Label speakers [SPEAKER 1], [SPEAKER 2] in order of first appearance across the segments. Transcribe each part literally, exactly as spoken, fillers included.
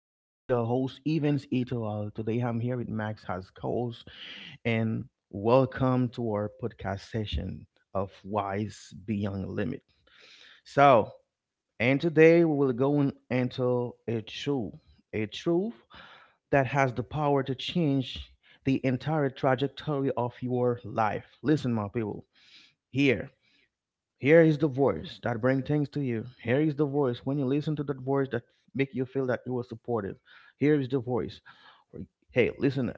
[SPEAKER 1] here. He's your host, Evans Itoal. Today I'm here with Max Haskos, and welcome to our podcast session of Wise Beyond Limit. So, and today we will go in- into a truth, a truth that has the power to change the entire trajectory of your life. Listen, my people. Here here is the voice that brings things to you. Here is the voice. When you listen to that voice that make you feel that you were supportive. Here is the voice. Hey, listen. Up.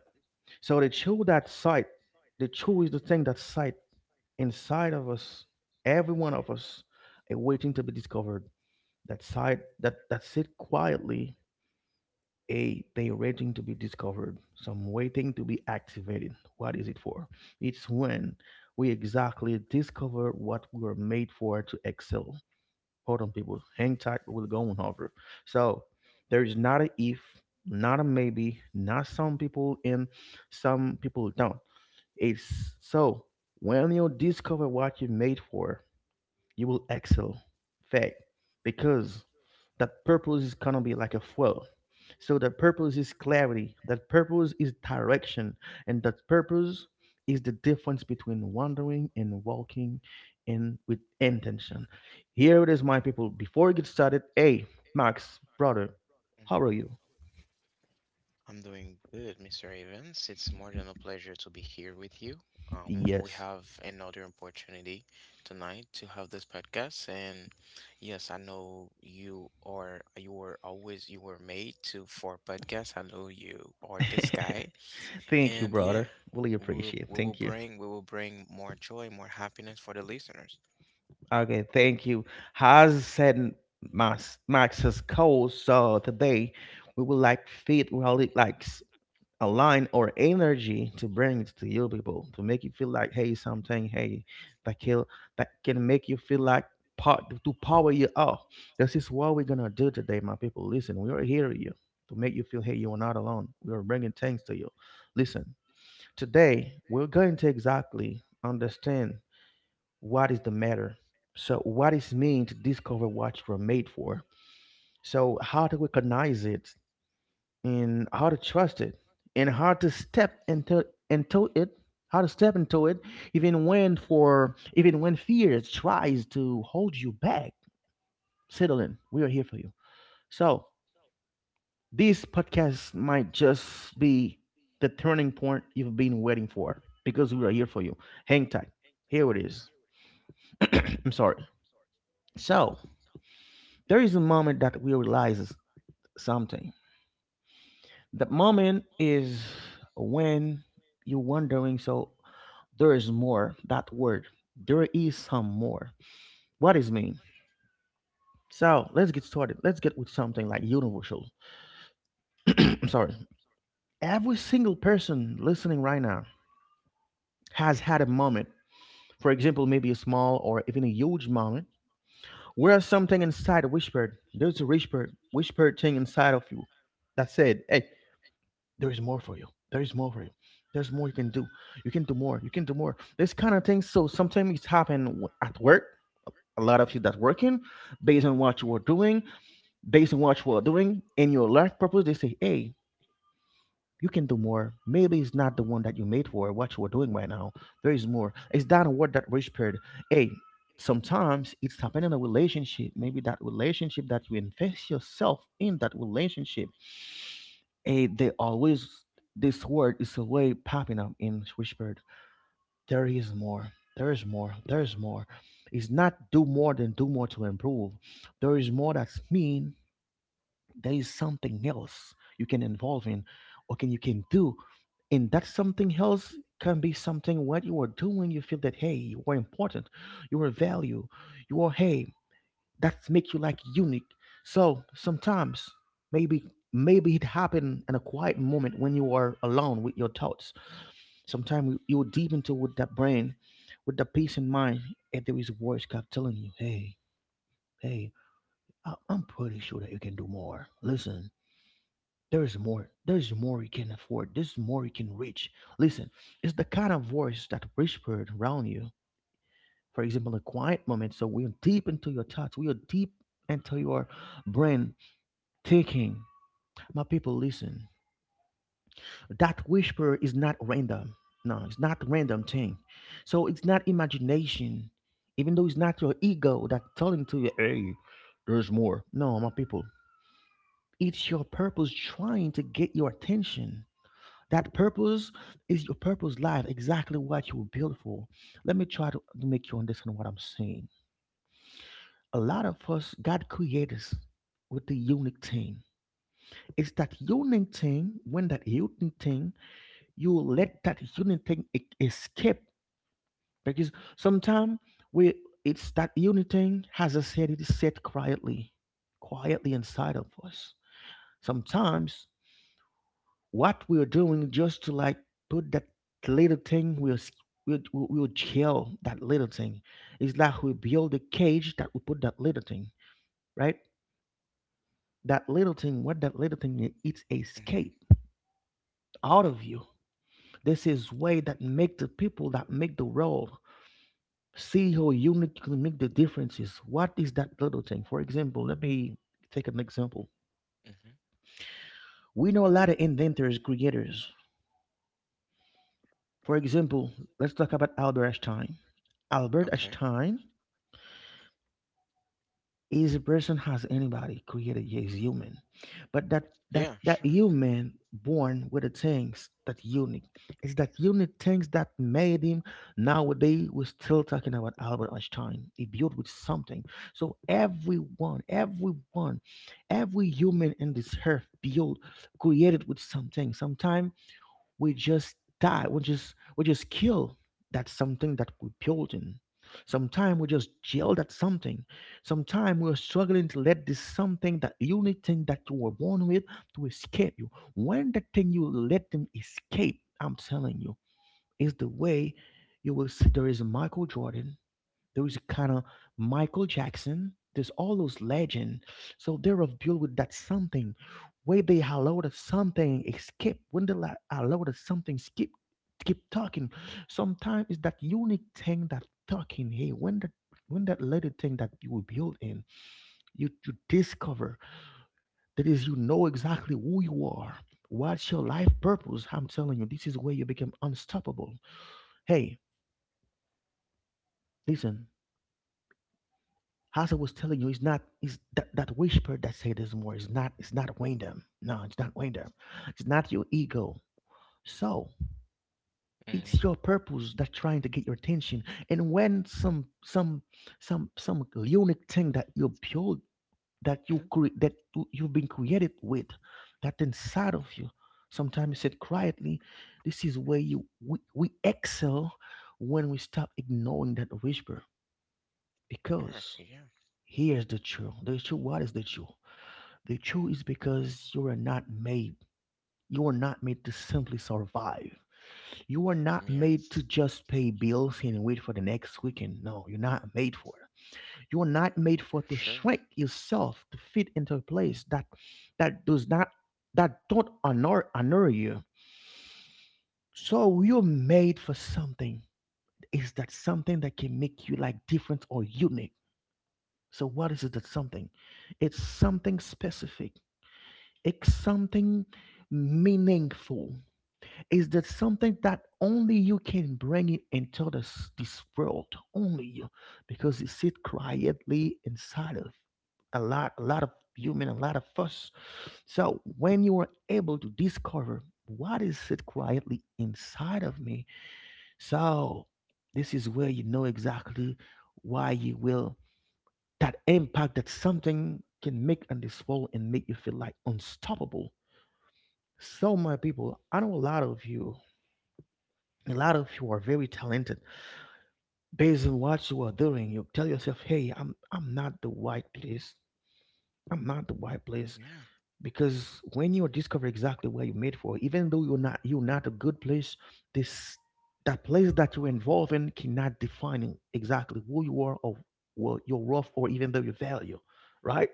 [SPEAKER 1] So the true that sight, the true is the thing that sight inside of us, every one of us, is waiting to be discovered. That sight that that sit quietly, a they waiting to be discovered. Some waiting to be activated. What is it for? It's when we exactly discover what we are made for to excel. Hold on, people. Hang tight. We're going over. So there is not a if, not a maybe, not some people in, some people don't. It's so when you discover what you're made for, you will excel. Fact. Because that purpose is gonna be like a fuel. So that purpose is clarity, that purpose is direction, and that purpose is the difference between wandering and walking in with intention. Here it is, my people. Before we get started, hey, Max, brother, how
[SPEAKER 2] Mhm.
[SPEAKER 1] are you?
[SPEAKER 2] I'm doing good, Mister Evans. It's more than a pleasure to be here with you. Um, we
[SPEAKER 1] Yes.
[SPEAKER 2] have another opportunity tonight to have this podcast, and yes, I know you are. You were always you were made to for podcasts. I know you are this guy,
[SPEAKER 1] Thank you,
[SPEAKER 2] and yeah,
[SPEAKER 1] brother. Really
[SPEAKER 2] we will
[SPEAKER 1] appreciate it.
[SPEAKER 2] we will
[SPEAKER 1] Thank you.
[SPEAKER 2] bring we will bring more joy, more happiness for the listeners.
[SPEAKER 1] Okay, thank you. Has said Max, Max's call, so today we will like fit really like s- a line or energy to bring it to you people to make you feel like hey something hey that can that can make you feel like part to power you up. This is what we're gonna do today, my people. Listen, we are here with you to make you feel hey you are not alone. We are bringing things to you. Listen, today we're going to exactly understand what is the matter, so what is mean to discover what you're made for, so how to recognize it and how to trust it and how to step into into it, how to step into it even when for even when fear tries to hold you back. Settle in, we are here for you. So this podcast might just be the turning point you've been waiting for, because we are here for you. Hang tight. Here it is. I'm sorry. So there is a moment that we realize something. That moment is when you're wondering, so there is more, that word. There is some more. What What is mean? So let's get started. Let's get with something like universal. I'm sorry. Every single
[SPEAKER 2] Mm-hmm.
[SPEAKER 1] person listening right now has had a moment. For example, maybe a small or even a huge moment where something inside whispered. There's a whispered, whispered thing inside of you that said, "Hey, there is more for you. There is more for you. There's more you can do. You can do more. You can do more." This kind of thing. So sometimes it's happen w- at work. A lot of you that's working, based on what you are doing, based on what you are doing in your life purpose, they say, "Hey, you can do more. Maybe it's not the one that you made for what you are doing right now. There is more." It's that word that whispered, "Hey." Sometimes it's happening in a relationship. Maybe that relationship that you invest yourself in that relationship, and they always, this word is always popping up in whispered. There is more. There is more. There is more. It's not do more than do more to improve. There is more that's mean. There is something else you can involve in, or can you can do, and that something else can be something what you are doing. You feel that hey, you are important, you are value, you are hey, that's make you like unique. So sometimes maybe maybe it happened in a quiet moment when you are alone with your thoughts. Sometimes you you deep into with that brain, with the peace in mind, and there is voice kept telling you, hey, hey, I- I'm pretty sure that you can do more. Listen, there is more. There is more you can afford. There's more you can reach. Listen, it's the kind of voice that whispered around you. For example, a quiet moment. So we are deep into your thoughts. We are deep into your brain taking. My people, listen. That whisper is not random. No, it's not random thing. So it's not imagination. Even though it's not your ego that telling to you, hey, there's more. No, my people. It's your purpose trying to get your attention. That purpose is your purpose life, exactly what you were built for. Let me try to to make you understand what I'm saying. A lot of us, God created us with the unique thing. It's that unique thing, when that unique thing you let that unity e- escape because sometimes we it's that unity has a said it is said quietly quietly inside of us. Sometimes what we're doing just to like put that little thing we're s- we'll, we'll we'll jail that little thing is that we build a cage that we put that little thing, right? That little thing, what that little thing, i- it's
[SPEAKER 2] Mm-hmm.
[SPEAKER 1] escape out
[SPEAKER 2] Yeah.
[SPEAKER 1] of you. This is way that make the people that make the world. See how unit can make the differences. What is that little thing? For example, let me take an example.
[SPEAKER 2] Mm-hmm.
[SPEAKER 1] We know a lot of inventors, creators. For example, let's talk about Albert Einstein. Albert
[SPEAKER 2] Okay.
[SPEAKER 1] Einstein is a person has anybody created is human, but that that
[SPEAKER 2] Yeah.
[SPEAKER 1] that
[SPEAKER 2] Sure.
[SPEAKER 1] human born with the things that unique. Is that unique things that made him? Nowadays we're still talking about Albert Einstein. He built with something. So everyone everyone every human in this earth built, created with something. Sometimes we just die, we just we just kill that something that we're building. Sometimes we just jail that something. Sometimes we're struggling to let this something, that unique thing that you were born with, to escape you. When the thing you let them escape, I'm telling you, is the way. You will see there is a Michael Jordan. There is kind of Michael Jackson. There's all those legend. So they're of deal with that something. When they allowed us something escape, when they la- allowed us something skip, keep talking. Sometimes it's that unique thing that talking. Hey, when that when that little thing that you were built in, you you discover that is you know exactly who you are. What's your life purpose? I'm telling you, this is where you become unstoppable. Hey, listen. As I was telling you, it's not it's that, that whisper that say this more. It's not it's not random. No, it's not random. It's not your ego. So it's
[SPEAKER 2] Mm-hmm.
[SPEAKER 1] your purpose that trying to get your attention. And when some some some some unique thing that you build, that you
[SPEAKER 2] mm
[SPEAKER 1] create, that you- you've been created with, that inside of you. Sometimes said quietly, this is where you we, we excel when we stop ignoring that whisper.
[SPEAKER 2] Sure.
[SPEAKER 1] Because
[SPEAKER 2] Yeah.
[SPEAKER 1] here's the truth. The truth. What is the truth? The truth is because you are not made. You are not made to simply survive. You are not
[SPEAKER 2] Yeah.
[SPEAKER 1] made to just pay bills and wait for the next weekend. No, you're not made for it. You are not made for to
[SPEAKER 2] Sure.
[SPEAKER 1] shrink yourself to fit into a place that that does not that don't honor honor you. So you're made for something. Is that something that can make you like different or unique? So what is it that something? It's something specific. It's something meaningful. Is that something that only you can bring it into this this world? Only you, because it sit quietly inside of a lot a lot of human, a lot of us. So when you are able to discover what is sit quietly inside of me, so this is where you know exactly why you will that impact that something can make on this world and make you feel like unstoppable. So my people, I know a lot of you. A lot of you are very talented. Based on what you are doing, you tell yourself, "Hey, I'm I'm not the right place. I'm not the right place."
[SPEAKER 2] Yeah.
[SPEAKER 1] Because when you discover exactly what you're made for, even though you're not you're not a good place, this that place that you're involved in cannot define exactly who you are or well, your worth or even though your value, right?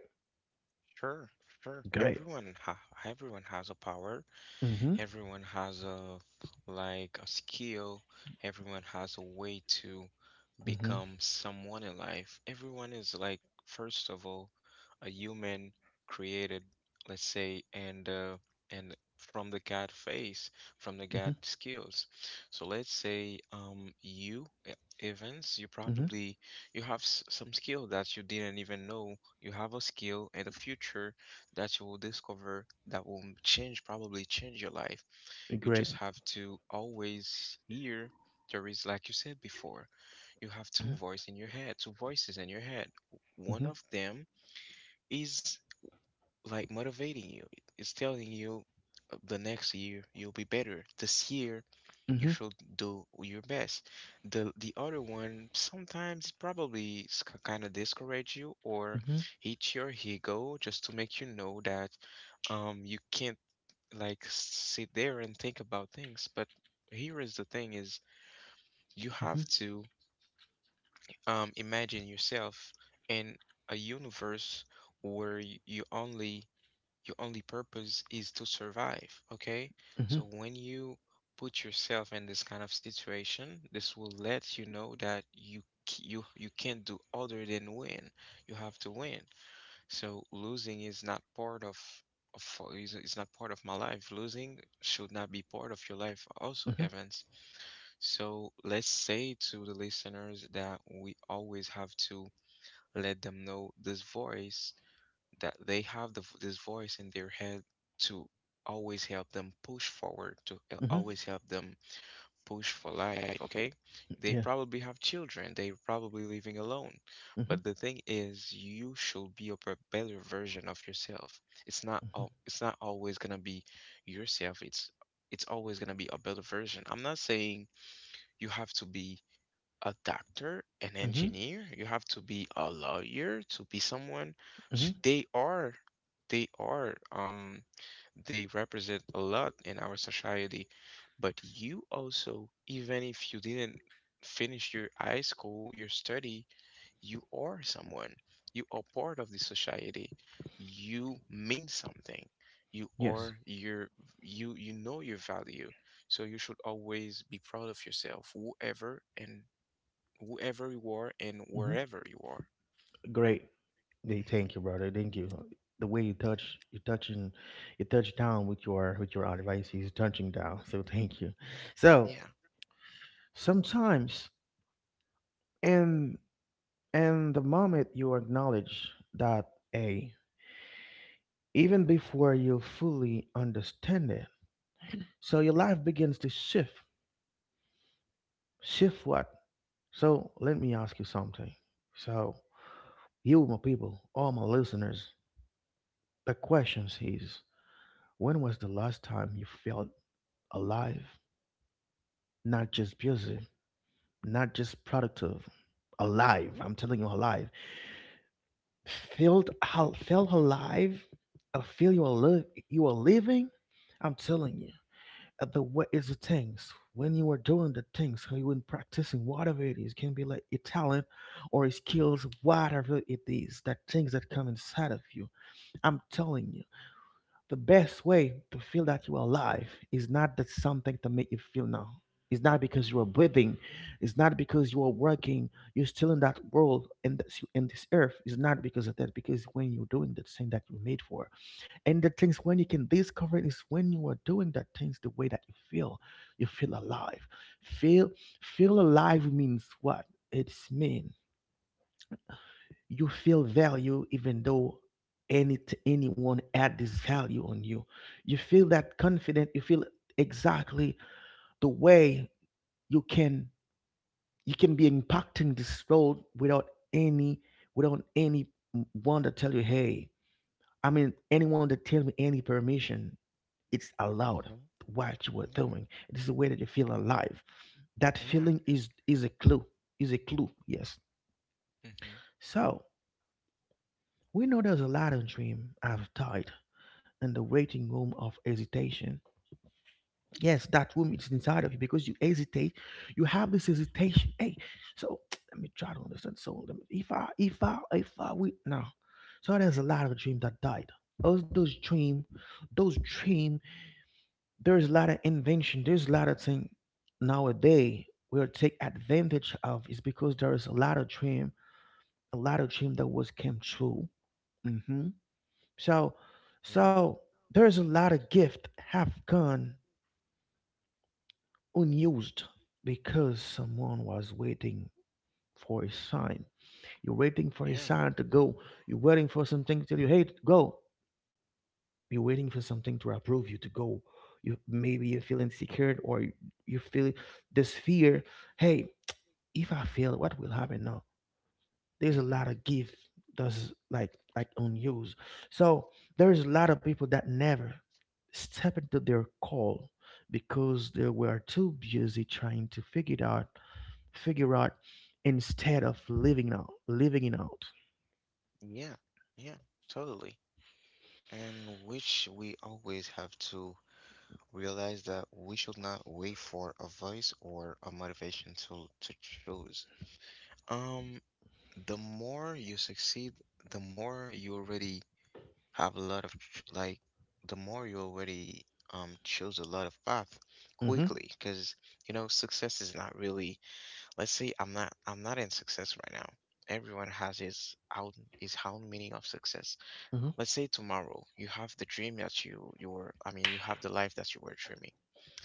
[SPEAKER 2] Sure. Sure.
[SPEAKER 1] Great.
[SPEAKER 2] Everyone ha everyone has a power.
[SPEAKER 1] Mm-hmm.
[SPEAKER 2] Everyone has a like a skill, everyone has a way to
[SPEAKER 1] Mm-hmm.
[SPEAKER 2] become someone in life. Everyone is like first of all a human created, let's say, and uh, and from the God face, from the
[SPEAKER 1] Mm-hmm.
[SPEAKER 2] God skills. So let's say um you E- Evans, you
[SPEAKER 1] Mm-hmm.
[SPEAKER 2] probably you have s- some skill that you didn't even know you have a skill in the future that you will discover that will m- change, probably change your life. You
[SPEAKER 1] Great.
[SPEAKER 2] just have to always hear there is, like you said before, you have
[SPEAKER 1] Mm-hmm.
[SPEAKER 2] two voice in your head, two voices in your head. One
[SPEAKER 1] Mm-hmm.
[SPEAKER 2] of them is like motivating you. It's telling you uh, the next year you'll be better. This year you should do your best. The the other one sometimes probably kind of discourage you or
[SPEAKER 1] Mm-hmm.
[SPEAKER 2] hit your ego just to make you know that um you can't like sit there and think about things. But here is the thing is you
[SPEAKER 1] Mm-hmm.
[SPEAKER 2] have to um imagine yourself in a universe where y- you only your only purpose is to survive, okay?
[SPEAKER 1] Mm-hmm.
[SPEAKER 2] So when you put yourself in this kind of situation, this will let you know that you c- you you can't do other than win, you have to win. So losing is not part of of for- is, is not part of my life. Losing should not be part of your life also,
[SPEAKER 1] Mm-hmm.
[SPEAKER 2] Evans. So let's say to the listeners that we always have to let them know this voice that they have the, v- this voice in their head to always help them push forward, to uh,
[SPEAKER 1] Mm-hmm.
[SPEAKER 2] always help them push for life, okay? They
[SPEAKER 1] Yeah.
[SPEAKER 2] probably have children, they're probably living alone.
[SPEAKER 1] Mm-hmm.
[SPEAKER 2] But the thing is, you should be a b- better version of yourself. It's not
[SPEAKER 1] Mm-hmm.
[SPEAKER 2] al- it's not always gonna be yourself. It's it's always gonna be a better version. I'm not saying you have to be a doctor, an
[SPEAKER 1] Mm-hmm.
[SPEAKER 2] engineer, you have to be a lawyer to be someone.
[SPEAKER 1] Mm-hmm.
[SPEAKER 2] Sh- They are, they are, um, they represent a lot in our society. But you also, even if you didn't finish your high school, your study, you are someone. You are part of the society. You mean something. You
[SPEAKER 1] Yes.
[SPEAKER 2] are your you you know your value. So you should always be proud of yourself, whoever and whoever you are and
[SPEAKER 1] Mm-hmm.
[SPEAKER 2] wherever you are.
[SPEAKER 1] Great. Hey, thank you, brother. Thank you. The way you
[SPEAKER 2] Hmm.
[SPEAKER 1] touch, you touching, you touch down with your with your advice. He's touching down. So thank you. So
[SPEAKER 2] Yeah.
[SPEAKER 1] sometimes, and and the moment you acknowledge that, a even before you fully understand it, so your life begins to shift. Shift what? So let me ask you something. So you, my people, all my listeners, the questions is: when was the last time you felt alive? Not just busy, not just productive, alive. I'm telling you, alive. Felt al- felt alive. I feel you are li- you are living. I'm telling you. Uh, The what is the things when you are doing the things, when you are practicing whatever it is, can be like a talent or a skills, whatever it is, that things that come inside of you. I'm telling you. The best way to feel that you are alive is not that something to make you feel now. It's not because you are breathing. It's not because you are working. You're still in that world and this, in this earth. It's not because of that. Because when you're doing that thing that you're made for, and the things when you can discover it is when you are doing that things the way that you feel. You feel alive. Feel Feel alive means what? It's mean you feel value even though any anyone add this value on you, you feel that confident, you feel exactly the way you can, you can be impacting this world without any without any one to tell you, hey, I mean anyone that tell me any permission, it's allowed.
[SPEAKER 2] Hmm.
[SPEAKER 1] What you were
[SPEAKER 2] Yeah.
[SPEAKER 1] doing, it is the way that you feel alive. That
[SPEAKER 2] Yeah.
[SPEAKER 1] feeling is is a clue, is a clue, yes.
[SPEAKER 2] Hmm.
[SPEAKER 1] So we know there's a lot of dream I've died and the waiting room of hesitation. Yes, that room is inside of you because you hesitate. You have this hesitation. Hey, so let me try to understand. So let me, if I, if I, if I, we no. So there's a lot of dream that died. Those those dream, those dream. There's a lot of invention. There's a lot of thing nowadays we'll take advantage of is because there is a lot of dream, a lot of dream that was came true. Hmm. So,
[SPEAKER 2] Yeah.
[SPEAKER 1] so there's a lot of gift have gone unused because someone was waiting for a sign. You're waiting for a
[SPEAKER 2] Yeah.
[SPEAKER 1] sign to go. You're waiting for something to tell you, hey, go. You're waiting for something to approve you to go. You maybe you feel insecure or you feel this fear. Hey, if I fail, what will happen now? There's a
[SPEAKER 2] Hmm.
[SPEAKER 1] lot of gift that's like like unused. So there's a lot of people that never step into their call because they were too busy trying to figure it out, figure out, instead of living out, living it out.
[SPEAKER 2] Yeah. Yeah. Totally. And which we always have to realize that we should not wait for advice or a motivation to to choose. Um, the more you succeed, the more you already have a lot of ch- like the more you already um choose a lot of path
[SPEAKER 1] Mm-hmm.
[SPEAKER 2] quickly because you know success is not really, let's say, I'm not I'm not in success right now. Everyone has his own his own meaning of success.
[SPEAKER 1] Mm-hmm.
[SPEAKER 2] Let's say tomorrow you have the dream that you you were, I mean, you have the life that you were dreaming.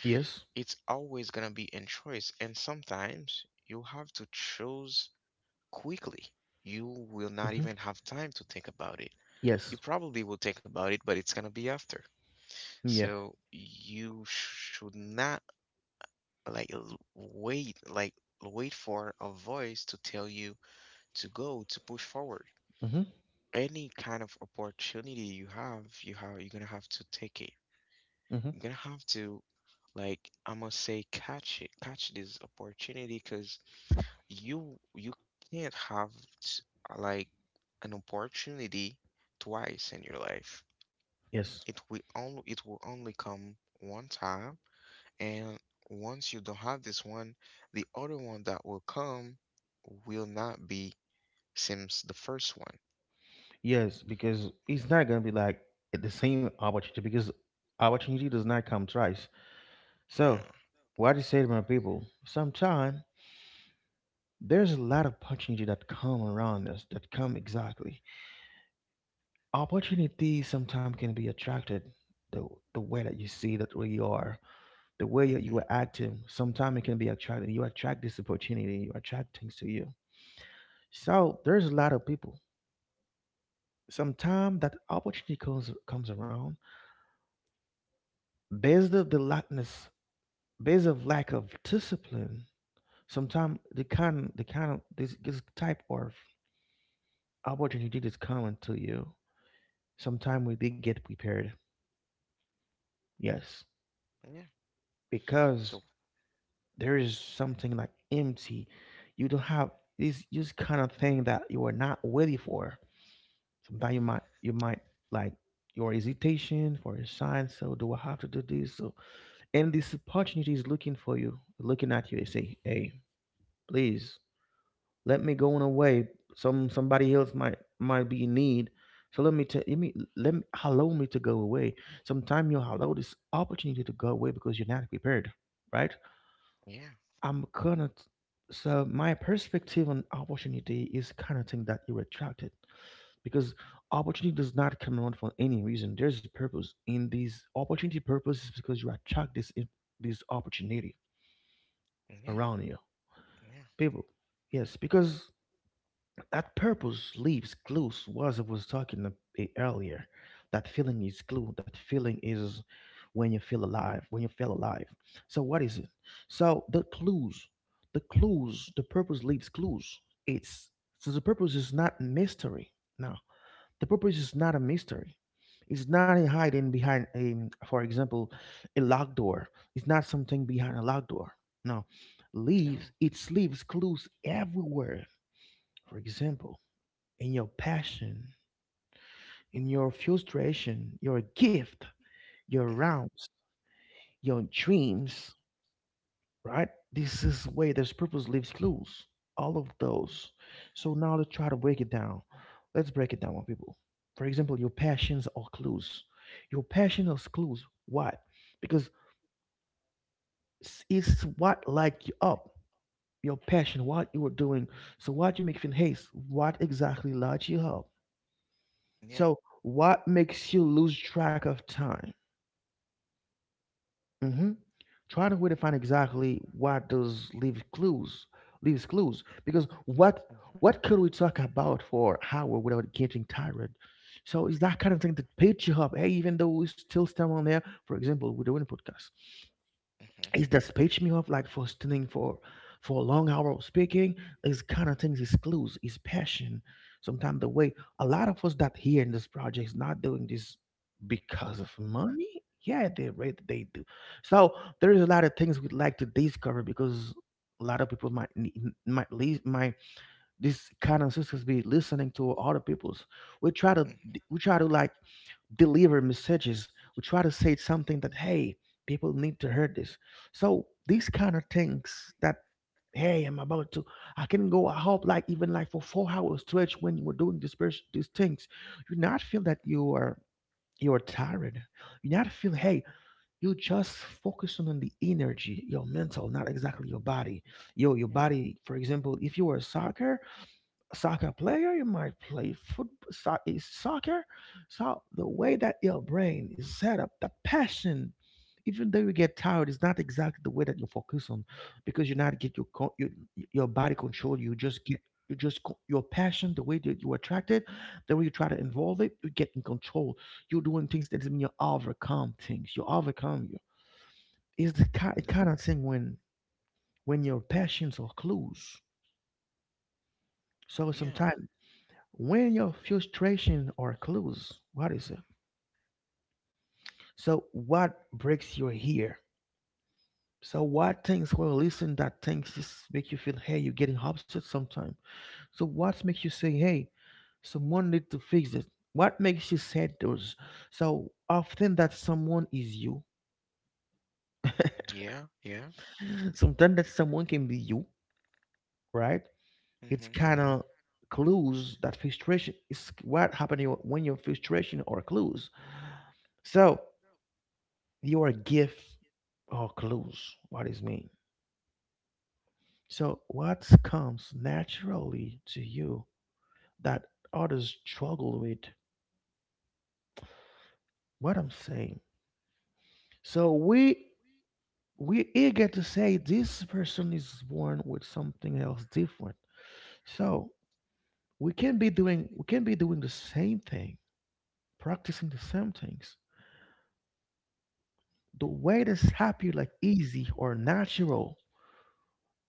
[SPEAKER 1] Yes.
[SPEAKER 2] It's always gonna be in choice and sometimes you have to choose quickly. You will not
[SPEAKER 1] Mm-hmm.
[SPEAKER 2] even have time to think about it. You
[SPEAKER 1] Yes.
[SPEAKER 2] probably will think about it, but it's gonna be after.
[SPEAKER 1] Mm, yeah.
[SPEAKER 2] So you should not like l- wait like wait for a voice to tell you to go to push forward.
[SPEAKER 1] Mm-hmm.
[SPEAKER 2] Any kind of opportunity you have, you have you're gonna have to take it.
[SPEAKER 1] Mm-hmm.
[SPEAKER 2] You're gonna have to like, I must say, catch it, catch this opportunity because you you can't have s- like an opportunity twice in your life.
[SPEAKER 1] Yes.
[SPEAKER 2] It will only it will only come one time. And once you don't have this one, the other one that will come will not be since the first one.
[SPEAKER 1] Yes, because it's
[SPEAKER 2] Mhm.
[SPEAKER 1] not gonna be like the same opportunity, because opportunity does not come twice. So
[SPEAKER 2] Yeah.
[SPEAKER 1] what I say to my people sometime, there's a lot of opportunity that come around us that come exactly, opportunity sometimes can be attracted, the, the way that you see that where you are, the way you, you
[SPEAKER 2] Mhm.
[SPEAKER 1] are acting, sometimes it can be attracting. You attract this opportunity, you attract things to you. So there's a lot of people. Sometimes that opportunity comes comes around based of the lackness, based of lack of discipline.
[SPEAKER 2] Mhm.
[SPEAKER 1] Sometimes the kind the kind of this, this type of opportunity is coming to you. Sometimes we did get prepared. Yes.
[SPEAKER 2] Yeah.
[SPEAKER 1] Because
[SPEAKER 2] So,
[SPEAKER 1] there is something like empty. You don't have this this kind of thing that you are not ready for. Sometimes you might you might, like, your hesitation for a sign, so do I have to do this? So and this opportunity is looking for you, looking at you, they say, hey, please, let me go on away. Some somebody else might might be in need, so let me tell, let me let me allow me to go away. Sometimes you allow this opportunity to go away because you're not prepared, right?
[SPEAKER 2] yeah.
[SPEAKER 1] I'm gonna, so my perspective on opportunity is kind of thing that you attracted because opportunity does not come around for any reason. There's a purpose in these opportunity. Purpose is because you attract this in- this opportunity
[SPEAKER 2] Yeah.
[SPEAKER 1] around you,
[SPEAKER 2] Yeah.
[SPEAKER 1] people. Yes, because that purpose leaves clues. Was I was talking ab- eh, earlier, that feeling is clue. That feeling is when you feel alive. When you feel alive. So what is it? So the clues, the clues, the purpose leaves clues. It's so the purpose is not mystery. No, the purpose is not a mystery. It's not a hiding behind a, for example, a locked door. It's not something behind a locked door. No, leaves.
[SPEAKER 2] No.
[SPEAKER 1] It leaves clues everywhere. For example, in your passion, in your frustration, your gift, your
[SPEAKER 2] Mhm.
[SPEAKER 1] rounds, your dreams, right? This is way there's purpose leaves clues. All of those. So now let's try to break it down. Let's break it down, my people. For example, your passions are clues. Your passion is clues. Why? Because s- it's what light you up. Your passion, what you are doing. So what you make in haste. What exactly lights you up.
[SPEAKER 2] Yeah.
[SPEAKER 1] So what makes you lose track of time? Mhm. Trying to really find exactly what does leave clues, leaves clues. Because what
[SPEAKER 2] Mhm.
[SPEAKER 1] what could we talk about for hour without getting tired? So it's that kind of thing that picks you up. Hey, even though we still stand on there, for example, we're doing a podcast,
[SPEAKER 2] Mhm.
[SPEAKER 1] is that speech me off like for standing for for a long hour of speaking, these kind of things is clues, is passion. Sometimes the way a lot of us that here in this project is not doing this because of money, yeah, they rate they do. So there is a lot of things we'd like to discover because a lot of people might ne- n- might leave my, this kind of sisters be listening to other people's, we try to,
[SPEAKER 2] Mhm.
[SPEAKER 1] we try to, like, deliver messages, we try to say something that, hey, people need to hear this. So these kind of things that, hey, I'm about to, I can go out like even like for four hours stretch when you were doing this pers- these things, you not feel that you are, you are tired, you not feel, hey, you just focus on the energy, your mental, not exactly your body. Yo your
[SPEAKER 2] Yeah.
[SPEAKER 1] body, for example, if you were a soccer soccer player, you might play football, so- is soccer. So the way that your brain is set up, the passion, even though you get tired, is not exactly the way that you focus on, because you not get your co- your, your body control. You just get, you just co- your passion, the way that you attract it, the way you try to involve it, you get in control. You're doing things that mean you overcome things. You overcome you. It's the kind,
[SPEAKER 2] And-
[SPEAKER 1] kind of thing when when your passions are clues. So
[SPEAKER 2] Yeah.
[SPEAKER 1] sometimes when your frustration or clues, what is it? So what breaks your ear? So what things when you listen that things just make you feel, hey, you're getting upset sometime. So what makes you say, hey, someone need to fix it? What makes you say those? So often that someone is you.
[SPEAKER 2] Yeah. Yeah.
[SPEAKER 1] Sometimes that someone can be you, right? It's
[SPEAKER 2] Mhm.
[SPEAKER 1] kind of clues that frustration is what happening when your frustration or clues. So your gift or clues. What does mean? So what comes naturally to you that others struggle with? What I'm saying. So we we eager to say this person is born with something else different. So we can be doing we can be doing the same thing, practicing the same things. The way that's happy, like easy or natural,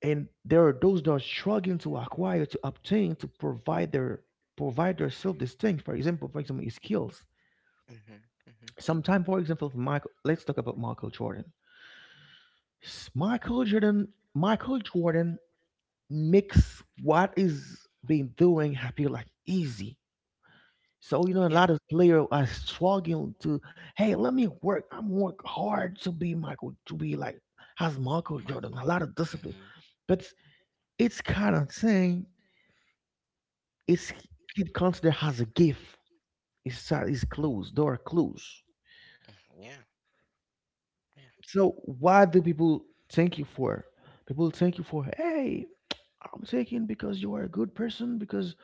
[SPEAKER 1] and there are those that are struggling to acquire, to obtain, to provide their provide their self distinct. For example, for example, his skills.
[SPEAKER 2] Mhm. Mhm.
[SPEAKER 1] Sometime, for example, for Michael, let's talk about Michael Jordan. S- Michael Jordan, Michael Jordan makes what is being doing happy like easy. So you know, a
[SPEAKER 2] Yeah.
[SPEAKER 1] lot of players are struggling to, hey, let me work. I'm work hard to be Michael, to be like as Michael Jordan. A
[SPEAKER 2] Michael.
[SPEAKER 1] lot of discipline,
[SPEAKER 2] Mhm.
[SPEAKER 1] but it's kind of thing, it's kid considered has a gift. It's uh, it's clues. There are clues.
[SPEAKER 2] Mhm. Yeah. Yeah.
[SPEAKER 1] So why do people thank you for? People thank you for. Hey, I'm taking because you are a good person. Because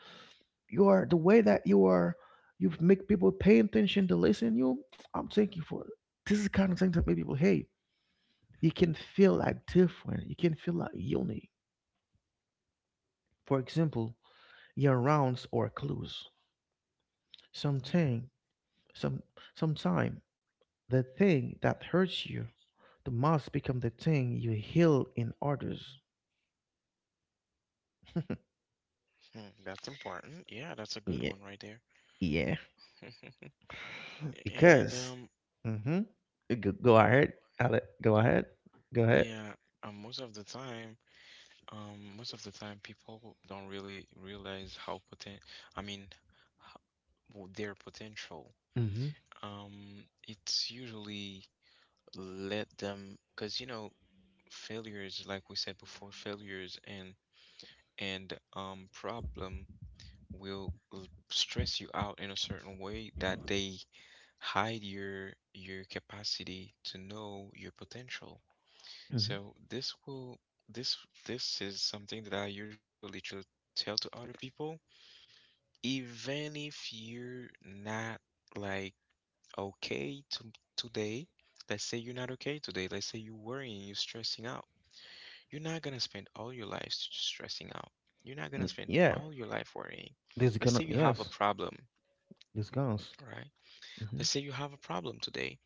[SPEAKER 1] you are the way that you are. You make people pay attention to listen you. I'm thank you for. This is the kind of thing that make people. Hey, you can feel like different. You can feel like unique. For example, your rounds or clues.
[SPEAKER 2] Yeah.
[SPEAKER 1] Something, some sometime the thing that hurts you. The mask become the thing you heal in others.
[SPEAKER 2] Hmm, that's important. Yeah, that's a good
[SPEAKER 1] Yeah,
[SPEAKER 2] one right there.
[SPEAKER 1] yeah.
[SPEAKER 2] And
[SPEAKER 1] Because,
[SPEAKER 2] um
[SPEAKER 1] mm-hmm. Go, go ahead, Ale- Go ahead. Go ahead.
[SPEAKER 2] yeah, um, most of the time, um, most of the time, people don't really realize how potent, I mean, ho- their potential.
[SPEAKER 1] Mm-hmm.
[SPEAKER 2] Um, it's usually let them, because you know, failures, like we said before, failures and and um problem will l- stress you out in a certain way that they hide your your capacity to know your potential.
[SPEAKER 1] Mm-hmm.
[SPEAKER 2] So this will this this is something that I usually try to tell to other people, even if you're not like okay to, today. Let's say you're not okay today. Let's say you're worrying, you're stressing out. You're not gonna spend all your life s- stressing out. You're not gonna
[SPEAKER 1] Mm,
[SPEAKER 2] spend
[SPEAKER 1] yeah,
[SPEAKER 2] all your life worrying.
[SPEAKER 1] there's
[SPEAKER 2] Let's
[SPEAKER 1] gonna
[SPEAKER 2] say you have a
[SPEAKER 1] yes,
[SPEAKER 2] problem,
[SPEAKER 1] there's guns.
[SPEAKER 2] all right?
[SPEAKER 1] Mm-hmm.
[SPEAKER 2] Let's say you have a problem today.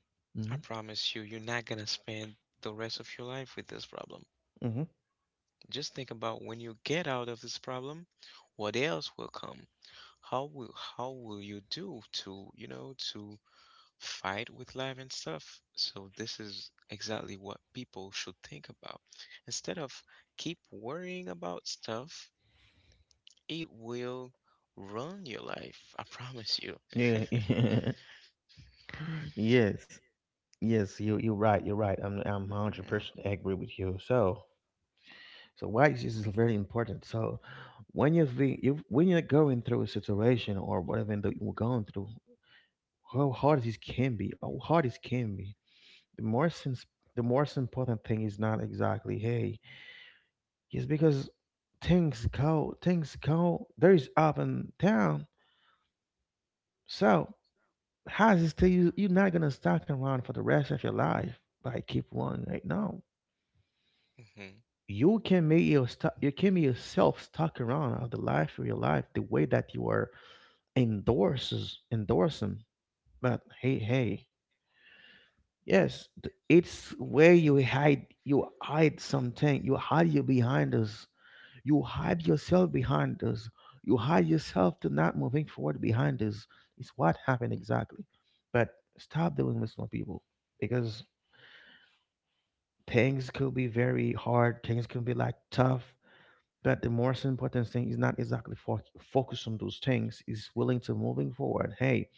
[SPEAKER 2] I promise you, you're not gonna spend the rest of your life with this problem.
[SPEAKER 1] Mm-hmm.
[SPEAKER 2] Just think about when you get out of this problem, what else will come? How will how will you do to, you know, to fight with life and stuff? So this is exactly what people should think about. Instead of keep worrying about stuff, it will run your life. I promise you.
[SPEAKER 1] Mm-hmm. Yeah. Yes. Yes. You you're right. You're right. I'm I'm hundred
[SPEAKER 2] Yeah.
[SPEAKER 1] percent agree with you. So so why is this is very important? So when you think you when you're going through a situation or whatever that you're going through, how hard it can be, how hard it can be. The most ins- the most important thing is not exactly hey, it's because things go, things go. There is up and down. So how is it tell you you're not gonna stuck around for the rest of your life? But I keep on right now.
[SPEAKER 2] Mm-hmm.
[SPEAKER 1] You can make your stu- you can make yourself stuck around of the life of your life the way that you are endorses endorsing. But hey,
[SPEAKER 2] Mm-hmm.
[SPEAKER 1] hey, yes, th- it's where you hide. You hide something. You hide you behind us. You hide yourself behind us. You hide yourself to not moving forward behind us. It's what happened exactly. But stop doing this, my people, because things could be very hard. Things could be like tough. But the most important thing is not exactly fo- focus on those things. Is willing to moving forward. Hey,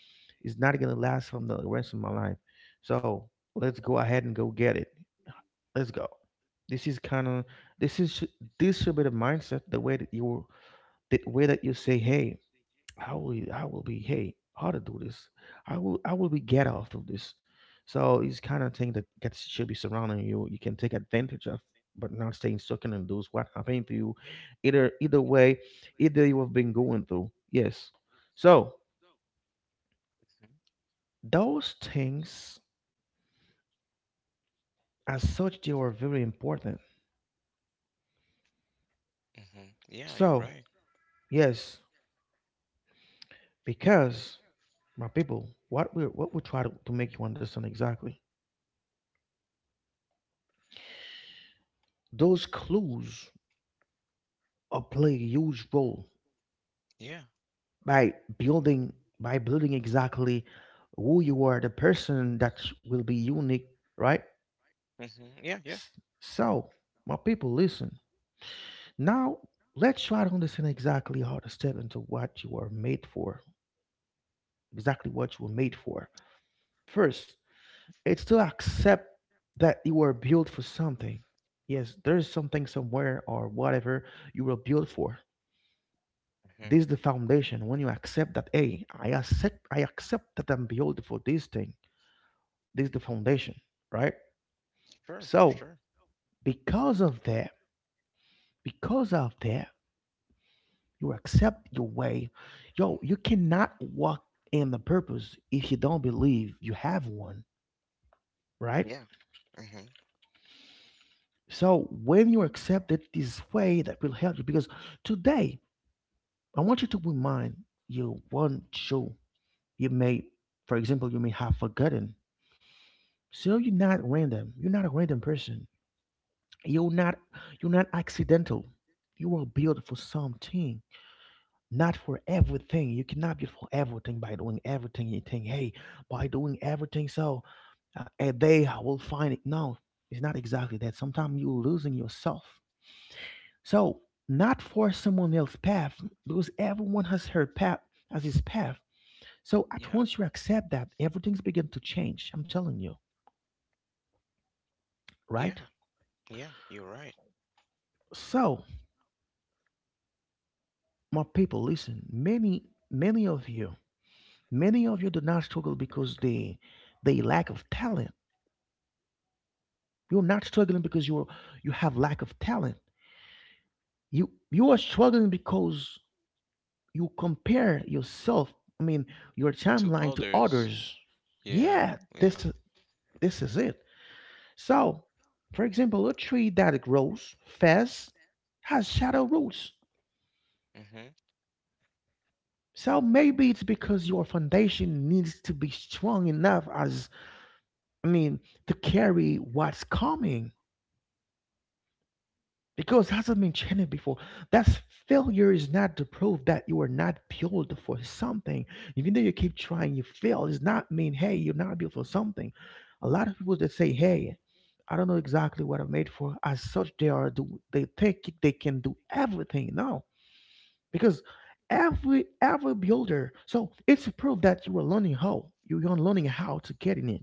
[SPEAKER 1] it's not gonna last from the rest of my life. So let's go ahead and go get it, let's go, this is kind of, this is sh- this should be the mindset, the way that you, the way that you say, hey, how will you, how will be, hey, how to do this. i will I will be get out of this. So it's kind of thing that gets should be surrounding you, you can take advantage of, but not staying stuck in and lose what happened to you, either, either way, either you have been going through, yes. So those things, as such, they are very important.
[SPEAKER 2] Mm-hmm. Yeah, you're
[SPEAKER 1] So
[SPEAKER 2] right.
[SPEAKER 1] yes, because my people, what we what we try to, to make you understand exactly, those clues are play a huge role
[SPEAKER 2] Yeah.
[SPEAKER 1] by building, by building exactly who you are, the person that will be unique, right?
[SPEAKER 2] Mm-hmm. Yeah, yeah.
[SPEAKER 1] S- So, my people, listen. Now, let's try to understand exactly how to step into what you are made for, exactly what you were made for. First, it's to accept that you were built for something. Yes, there is something somewhere or whatever you were built for.
[SPEAKER 2] Mm-hmm.
[SPEAKER 1] This is the foundation. When you accept that, hey, I accept, I accept that I'm built for this thing. This is the foundation, right?
[SPEAKER 2] Sure,
[SPEAKER 1] So
[SPEAKER 2] sure.
[SPEAKER 1] because of that, because of that, you accept your way. Yo, you cannot walk in the purpose if you don't believe you have one, right?
[SPEAKER 2] Yeah. Mm-hmm.
[SPEAKER 1] So when you accept it this way, that will help you because today I want you to remind you one show you may, for example, you may have forgotten. So you're not random. You're not a random person. You're not you're not accidental. You were built for something, not for everything. You cannot be for everything by doing everything. You think, hey, by doing everything, so uh, a day I will find it. No, it's not exactly that. Sometimes you're losing yourself. So not for someone else's path, because everyone has her path as his path. So at
[SPEAKER 2] Yeah.
[SPEAKER 1] once you accept that everything's begin to change. I'm telling you,
[SPEAKER 2] Yeah.
[SPEAKER 1] right?
[SPEAKER 2] Yeah, you're right.
[SPEAKER 1] So, my people, listen. Many, many of you, many of you do not struggle because they, they lack of talent. You're not struggling because you're, you have lack of talent. You you are struggling because you compare yourself. I mean, your
[SPEAKER 2] To
[SPEAKER 1] timeline to
[SPEAKER 2] others.
[SPEAKER 1] others.
[SPEAKER 2] Yeah,
[SPEAKER 1] Yeah, this
[SPEAKER 2] yeah.
[SPEAKER 1] is this is it. So, for example, a tree that grows fast has shadow roots.
[SPEAKER 2] Mm-hmm.
[SPEAKER 1] So maybe it's because your foundation needs to be strong enough as, I mean, to carry what's coming. Because hasn't been mentioned before, that's failure is not the proof that you are not built for something. Even though you keep trying, you fail. It's not mean hey you're not built for something. A lot of people that say hey I don't know exactly what I'm made for. As such, they are do they think they can do everything. No, because every every builder, so it's a proof that you are learning, how you're learning how to get in it,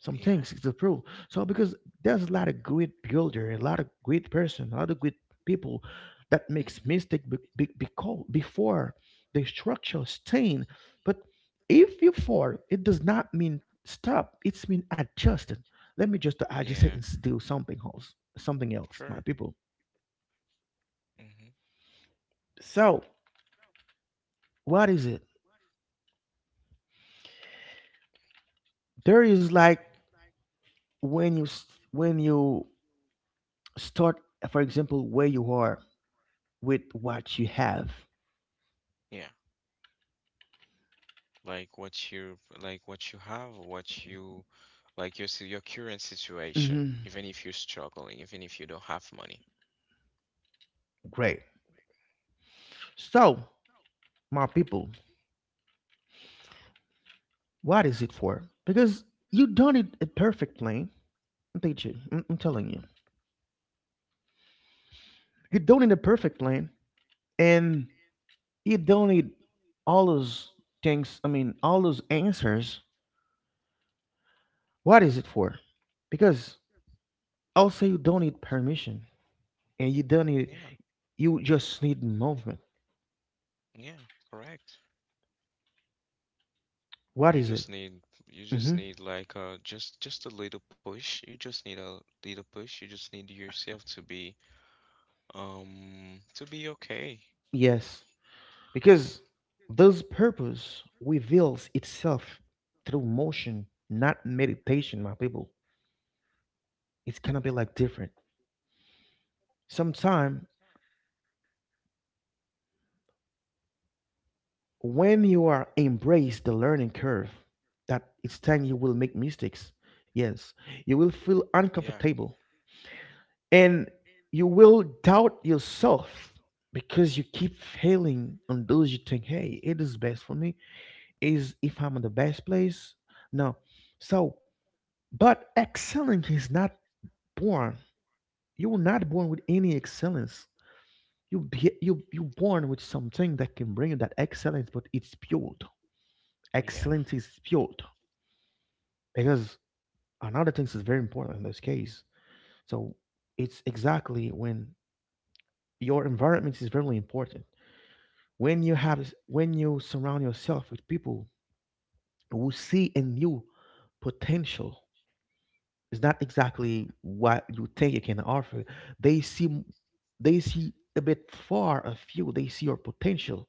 [SPEAKER 1] some
[SPEAKER 2] Yeah.
[SPEAKER 1] things it's a proof. So because there's a lot of great builder, a lot of great person, a lot of great people that makes
[SPEAKER 2] Mm-hmm.
[SPEAKER 1] mistake be, be, beco- before the structure stain, but if you fall it does not mean stop, it's mean adjusted. Let me just adjust it
[SPEAKER 2] Yeah,
[SPEAKER 1] and s- do something else, something else, my
[SPEAKER 2] sure.
[SPEAKER 1] people.
[SPEAKER 2] Mm-hmm.
[SPEAKER 1] So what is it, there is like, when you s- when you start, for example, where you are with what you have.
[SPEAKER 2] Yeah. Like what you like what you have, what you like your si- your current situation,
[SPEAKER 1] Mhm.
[SPEAKER 2] even if you're struggling, even if you don't have money.
[SPEAKER 1] Great. So my people, what is it for, because you don't need a perfect plane. i'm teach you- I'm- I'm telling you, you don't need a perfect plane and you don't need all those things, I mean all those answers. What is it for, because also you don't need permission and you don't need,
[SPEAKER 2] Yeah.
[SPEAKER 1] you just need movement.
[SPEAKER 2] Yeah, correct.
[SPEAKER 1] What
[SPEAKER 2] You
[SPEAKER 1] is it?
[SPEAKER 2] just need you just
[SPEAKER 1] Hmm.
[SPEAKER 2] need like uh just just a little push. You just need a little push. You just need yourself to be um to be okay.
[SPEAKER 1] Yes, because this purpose reveals itself through motion, not meditation, my people. It's gonna be like different. Sometime when you are embrace the learning curve, that it's time you will make mistakes. Yes, you will feel
[SPEAKER 2] Yeah.
[SPEAKER 1] uncomfortable and you will doubt yourself because you keep failing on those you think, hey, it is best for me. Is if I'm in the best place? No. So, but excelling is not born. You were not born with any excellence. You be, you you born with something that can bring you that excellence, but it's built.
[SPEAKER 2] Yeah,
[SPEAKER 1] Excellence is built because another thing is very important in this case. So it's exactly when your environment is very important. When you have when you surround yourself with people who see in you potential, it's not exactly what you think you can offer. They see they see a bit far of you. They see your potential.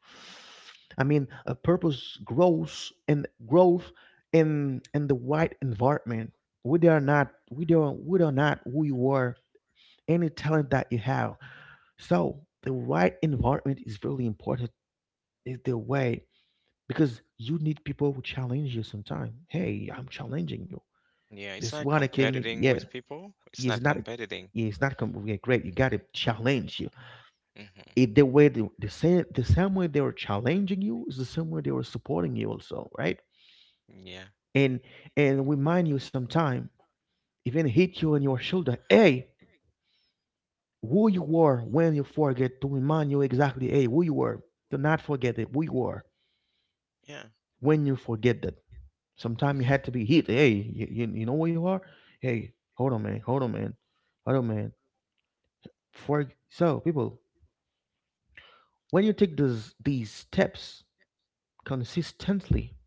[SPEAKER 1] I mean, a purpose grows and growth in in the right environment. We are not we don't we are not who you are. Any talent that you have. So the right environment is really important. Is the way, because you need people who challenge you sometime. Hey, I'm challenging you.
[SPEAKER 2] Yeah, it's
[SPEAKER 1] This
[SPEAKER 2] not
[SPEAKER 1] one I can make.
[SPEAKER 2] competing
[SPEAKER 1] Yeah,
[SPEAKER 2] with people. It's
[SPEAKER 1] it's
[SPEAKER 2] not
[SPEAKER 1] not,
[SPEAKER 2] competing.
[SPEAKER 1] it's not com- yeah, great. You got to challenge you.
[SPEAKER 2] Hmm.
[SPEAKER 1] If the way, the, the same the same way they were challenging you is the same way they were supporting you also, right?
[SPEAKER 2] Yeah.
[SPEAKER 1] And and remind you sometime, even hit you on your shoulder. Hey, who you were when you forget, to remind you exactly. Hey, who you were. Do not forget it. Who you were
[SPEAKER 2] Yeah.
[SPEAKER 1] when you forget that. Sometimes you had to be hit. Hey, you, you, you know where you are. Hey, hold on, man. Hold on, man. Hold on, man. For so people, when you take those, these steps consistently,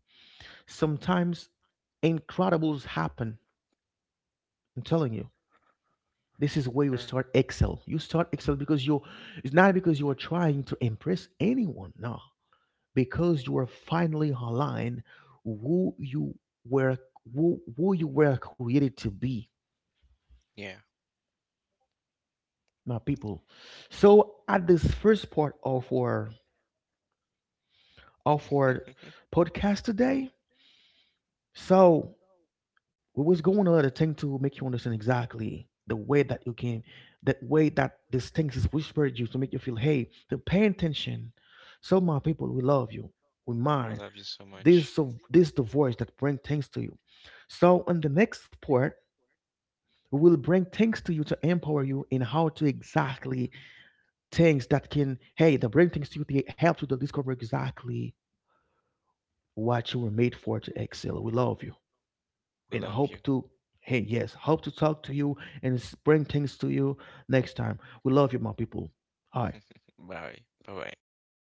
[SPEAKER 1] sometimes incredibles happen. I'm telling you, this is where you
[SPEAKER 2] Sure.
[SPEAKER 1] start excel. You start excel because you're, it's not because you are trying to impress anyone, no, because you are finally aligned who you were, who, who you were created to be,
[SPEAKER 2] Yeah.
[SPEAKER 1] my people. So at this first part of our, of our podcast today, so we was going a lot of things to make you understand exactly the way that you came, the way that these things is whispered you to make you feel, hey, to pay attention. So my people, we love you. We
[SPEAKER 2] We
[SPEAKER 1] mind.
[SPEAKER 2] love you so
[SPEAKER 1] This
[SPEAKER 2] much.
[SPEAKER 1] is the- this is the voice that bring things to you. So on the next part, we will bring things to you to empower you in how to exactly things that can, hey, to bring things to you to help you to discover exactly what you were made for to excel. We love you.
[SPEAKER 2] We
[SPEAKER 1] And
[SPEAKER 2] love you.
[SPEAKER 1] hope to, hey yes, hope to talk to you and bring things to you next time. We love you, my people. Hi.
[SPEAKER 2] Bye. Bye bye.